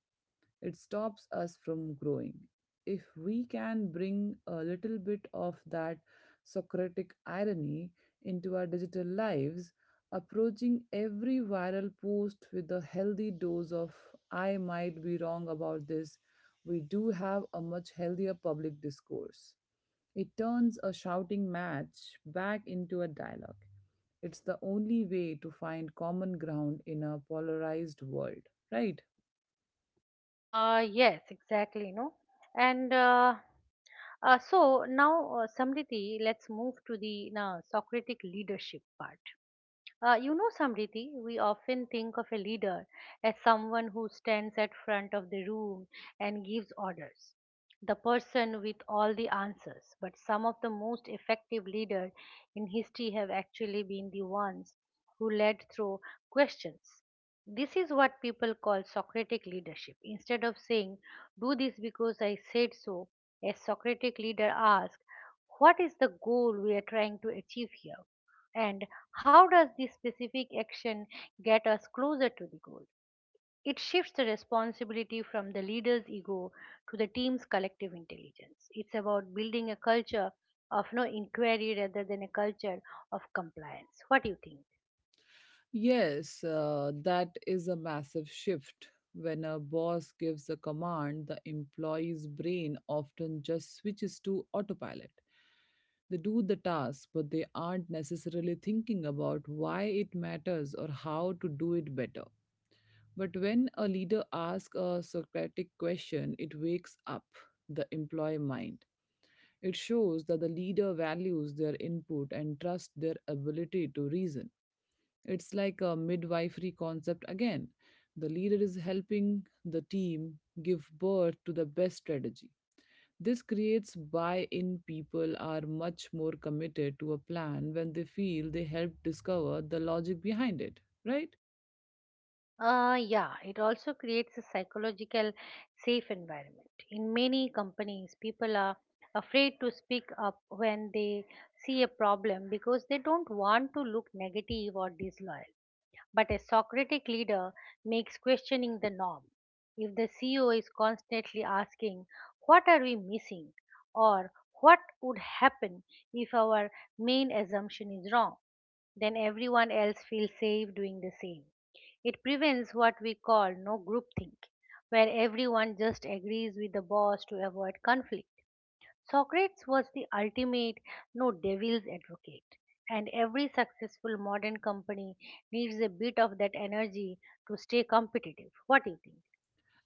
S2: it stops us from growing. If we can bring a little bit of that Socratic irony into our digital lives, approaching every viral post with a healthy dose of I might be wrong about this, we do have a much healthier public discourse. It turns a shouting match back into a dialogue. It's the only way to find common ground in a polarized world, right?
S1: Uh, yes, exactly. No, and uh, Uh, so now, uh, Samriti, let's move to the uh, Socratic leadership part. Uh, you know, Samriti, we often think of a leader as someone who stands at front of the room and gives orders, the person with all the answers. But some of the most effective leaders in history have actually been the ones who led through questions. This is what people call Socratic leadership. Instead of saying, "do this because I said so," a Socratic leader asks, what is the goal we are trying to achieve here? And how does this specific action get us closer to the goal? It shifts the responsibility from the leader's ego to the team's collective intelligence. It's about building a culture of no inquiry rather than a culture of compliance. What do you think?
S2: Yes, uh, that is a massive shift. When a boss gives a command, the employee's brain often just switches to autopilot. They do the task, but they aren't necessarily thinking about why it matters or how to do it better. But when a leader asks a Socratic question, it wakes up the employee mind. It shows that the leader values their input and trusts their ability to reason. It's like a midwifery concept again. The leader is helping the team give birth to the best strategy. This creates buy in. People are much more committed to a plan when they feel they helped discover the logic behind it, right?
S1: Uh, yeah, it also creates a psychological safe environment. In many companies, people are afraid to speak up when they see a problem because they don't want to look negative or disloyal. But a Socratic leader makes questioning the norm. If the C E O is constantly asking, "What are we missing?" or "What would happen if our main assumption is wrong?" then everyone else feels safe doing the same. It prevents what we call no groupthink, where everyone just agrees with the boss to avoid conflict. Socrates was the ultimate no devil's advocate, and every successful modern company needs a bit of that energy to stay competitive. What do you think?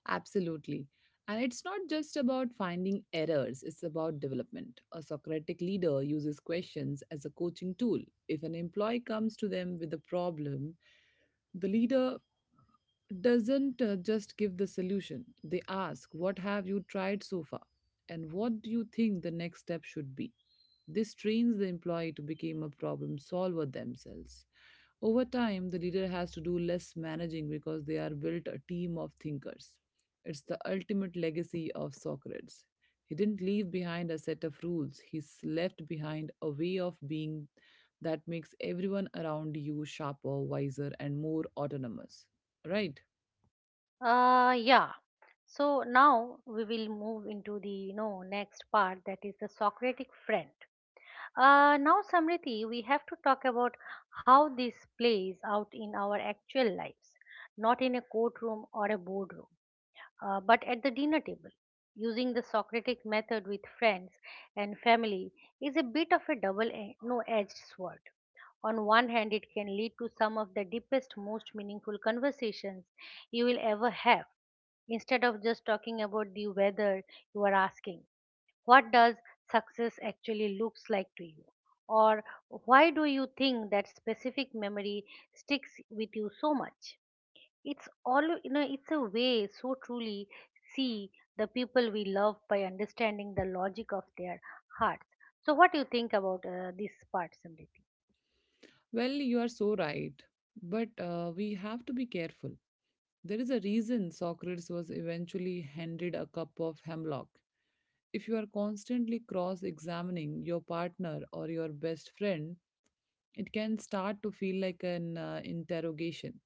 S2: Absolutely. And it's not just about finding errors, it's about development. A Socratic leader uses questions as a coaching tool. If an employee comes to them with a problem, the leader doesn't uh, just give the solution. They ask, what have you tried so far? And what do you think the next step should be? This trains the employee to become a problem solver themselves. Over time, the leader has to do less managing because they are built a team of thinkers. It's the ultimate legacy of Socrates. He didn't leave behind a set of rules, he's left behind a way of being that makes everyone around you sharper, wiser, and more autonomous. Right?
S1: Uh yeah. So now we will move into the you know next part that is the Socratic friend. Uh now Samriti, we have to talk about how this plays out in our actual lives, not in a courtroom or a boardroom, uh, but at the dinner table. Using the Socratic method with friends and family is a bit of a double no edged sword. On one hand, it can lead to some of the deepest, most meaningful conversations you will ever have. Instead of just talking about the weather, you are asking, what does success actually looks like to you? Or why do you think that specific memory sticks with you so much? It's all, you know it's a way so truly see the people we love by understanding the logic of their hearts. So what do you think about uh, this part, Samriti?
S2: Well, you are so right. But uh, we have to be careful. There is a reason Socrates was eventually handed a cup of hemlock. If you are constantly cross examining your partner or your best friend, it can start to feel like an uh, interrogation.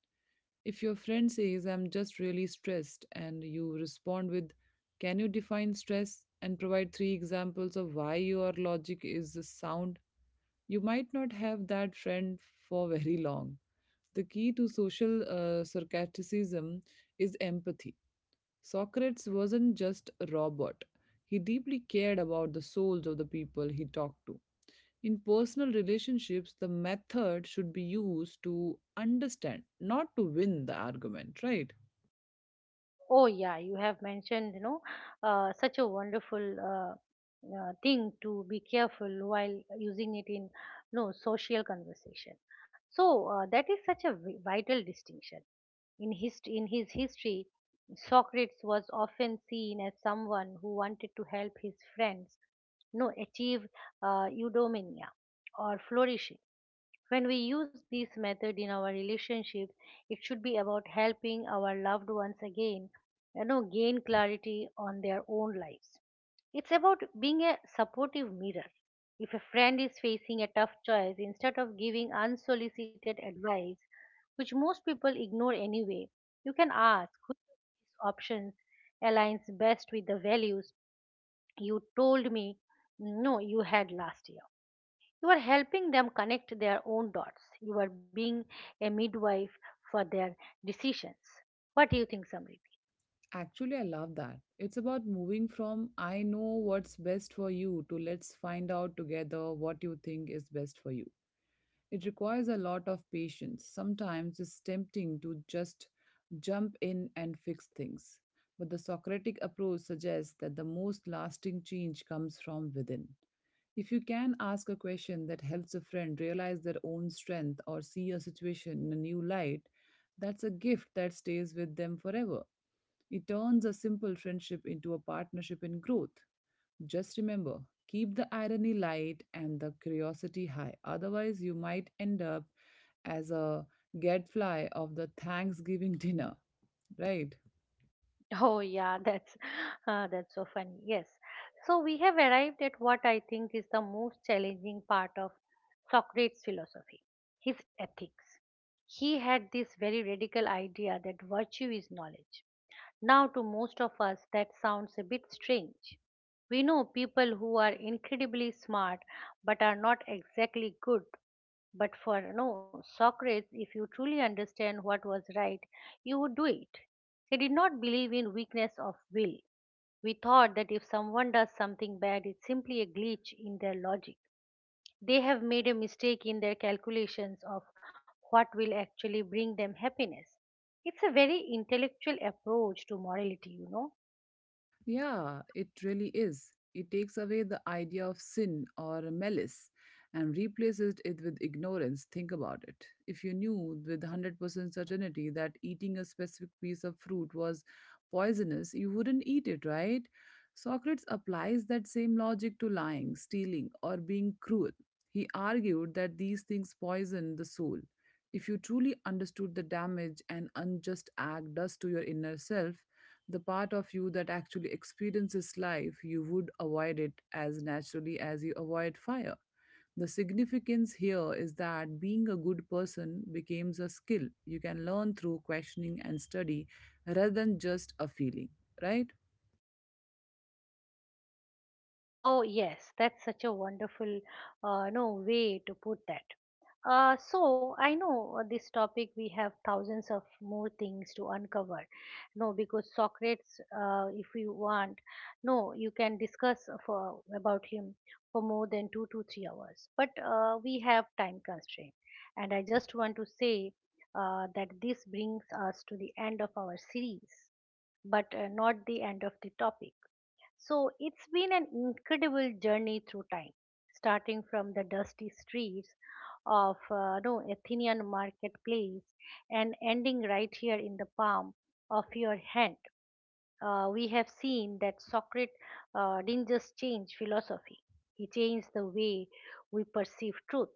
S2: If your friend says, I'm just really stressed, and you respond with, can you define stress and provide three examples of why your logic is sound? You might not have that friend for very long. The key to social uh, sarcasm is empathy. Socrates wasn't just a robot, he deeply cared about the souls of the people he talked to. In personal relationships, the method should be used to understand, not to win the argument, right?
S1: Oh yeah, you have mentioned, you know uh, such a wonderful uh, uh, thing to be careful while using it in no social conversation. So uh, that is such a vi- vital distinction. In his, in his history, Socrates was often seen as someone who wanted to help his friends no, achieve uh, eudaimonia or flourishing. When we use this method in our relationship, it should be about helping our loved ones again, you know, gain clarity on their own lives. It's about being a supportive mirror. If a friend is facing a tough choice, instead of giving unsolicited advice, which most people ignore anyway, you can ask which of these options aligns best with the values you told me no you had last year. You are helping them connect their own dots. You are being a midwife for their decisions. What do you think, Samrit?
S2: Actually, I love that. It's about moving from I know what's best for you to let's find out together what you think is best for you. It requires a lot of patience. Sometimes it's tempting to just jump in and fix things. But the Socratic approach suggests that the most lasting change comes from within. If you can ask a question that helps a friend realize their own strength or see a situation in a new light, that's a gift that stays with them forever. It turns a simple friendship into a partnership in growth. Just remember, keep the irony light and the curiosity high. Otherwise, you might end up as a gadfly of the Thanksgiving dinner, right?
S1: Oh yeah, that's uh, that's so funny. Yes. So we have arrived at what I think is the most challenging part of Socrates' philosophy, his ethics. He had this very radical idea that virtue is knowledge. Now to most of us that sounds a bit strange. We know people who are incredibly smart but are not exactly good, but for no, Socrates, if you truly understand what was right, you would do it. He did not believe in weakness of will. We thought that if someone does something bad, it's simply a glitch in their logic. They have made a mistake in their calculations of what will actually bring them happiness. It's a very intellectual approach to morality, you know.
S2: Yeah, it really is. It takes away the idea of sin or malice and replaces it with ignorance. Think about it. If you knew with one hundred percent certainty that eating a specific piece of fruit was poisonous, you wouldn't eat it, right? Socrates applies that same logic to lying, stealing, or being cruel. He argued that these things poison the soul. If you truly understood the damage an unjust act does to your inner self, the part of you that actually experiences life, you would avoid it as naturally as you avoid fire. The significance here is that being a good person becomes a skill you can learn through questioning and study rather than just a feeling, right?
S1: Oh, yes, that's such a wonderful uh, no way to put that. Uh, so I know uh, this topic we have thousands of more things to uncover. No, Because Socrates, uh, if you want, no, you can discuss for about him for more than two to three hours. But uh, we have time constraint, and I just want to say uh, that this brings us to the end of our series, but uh, not the end of the topic. So it's been an incredible journey through time, starting from the dusty streets of uh, no Athenian marketplace and ending right here in the palm of your hand. Uh, we have seen that Socrates uh, didn't just change philosophy; he changed the way we perceive truth,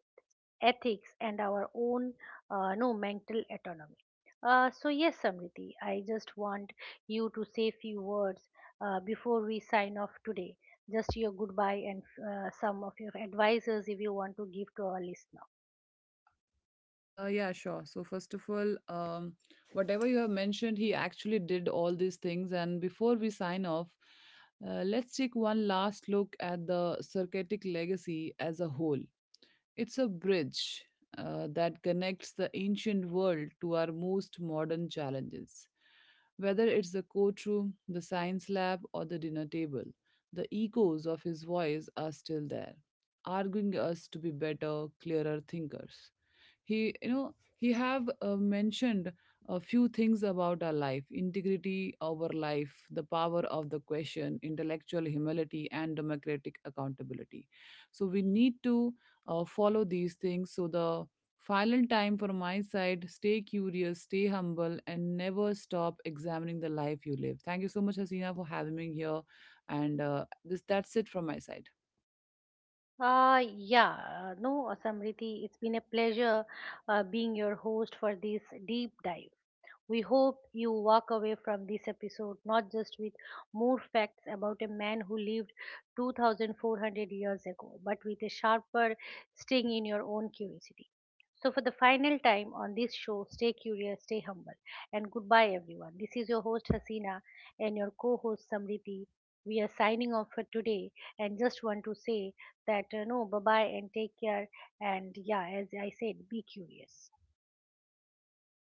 S1: ethics, and our own uh, no mental autonomy. Uh, so yes, Samriti, I just want you to say few words uh, before we sign off today, just your goodbye and uh, some of your advices if you want to give to our listener.
S2: Uh, yeah, sure. So, first of all, um, whatever you have mentioned, he actually did all these things. And before we sign off, uh, let's take one last look at the Circatic legacy as a whole. It's a bridge uh, that connects the ancient world to our most modern challenges. Whether it's the courtroom, the science lab, or the dinner table, the echoes of his voice are still there, arguing us to be better, clearer thinkers. He, you know, he have uh, mentioned a few things about our life integrity, our life, the power of the question, intellectual humility, and democratic accountability. So we need to uh, follow these things. So the final time for my side, stay curious, stay humble, and never stop examining the life you live. Thank you so much, Hasina, for having me here, and uh, this that's it from my side.
S1: Uh, yeah, uh, no, uh, Samriti, it's been a pleasure uh, being your host for this deep dive. We hope you walk away from this episode not just with more facts about a man who lived two thousand four hundred years ago, but with a sharper sting in your own curiosity. So, for the final time on this show, stay curious, stay humble, and goodbye, everyone. This is your host Hasina and your co host Samriti. We are signing off for today and just want to say that uh, no, bye bye and take care. And yeah, as I said, be curious.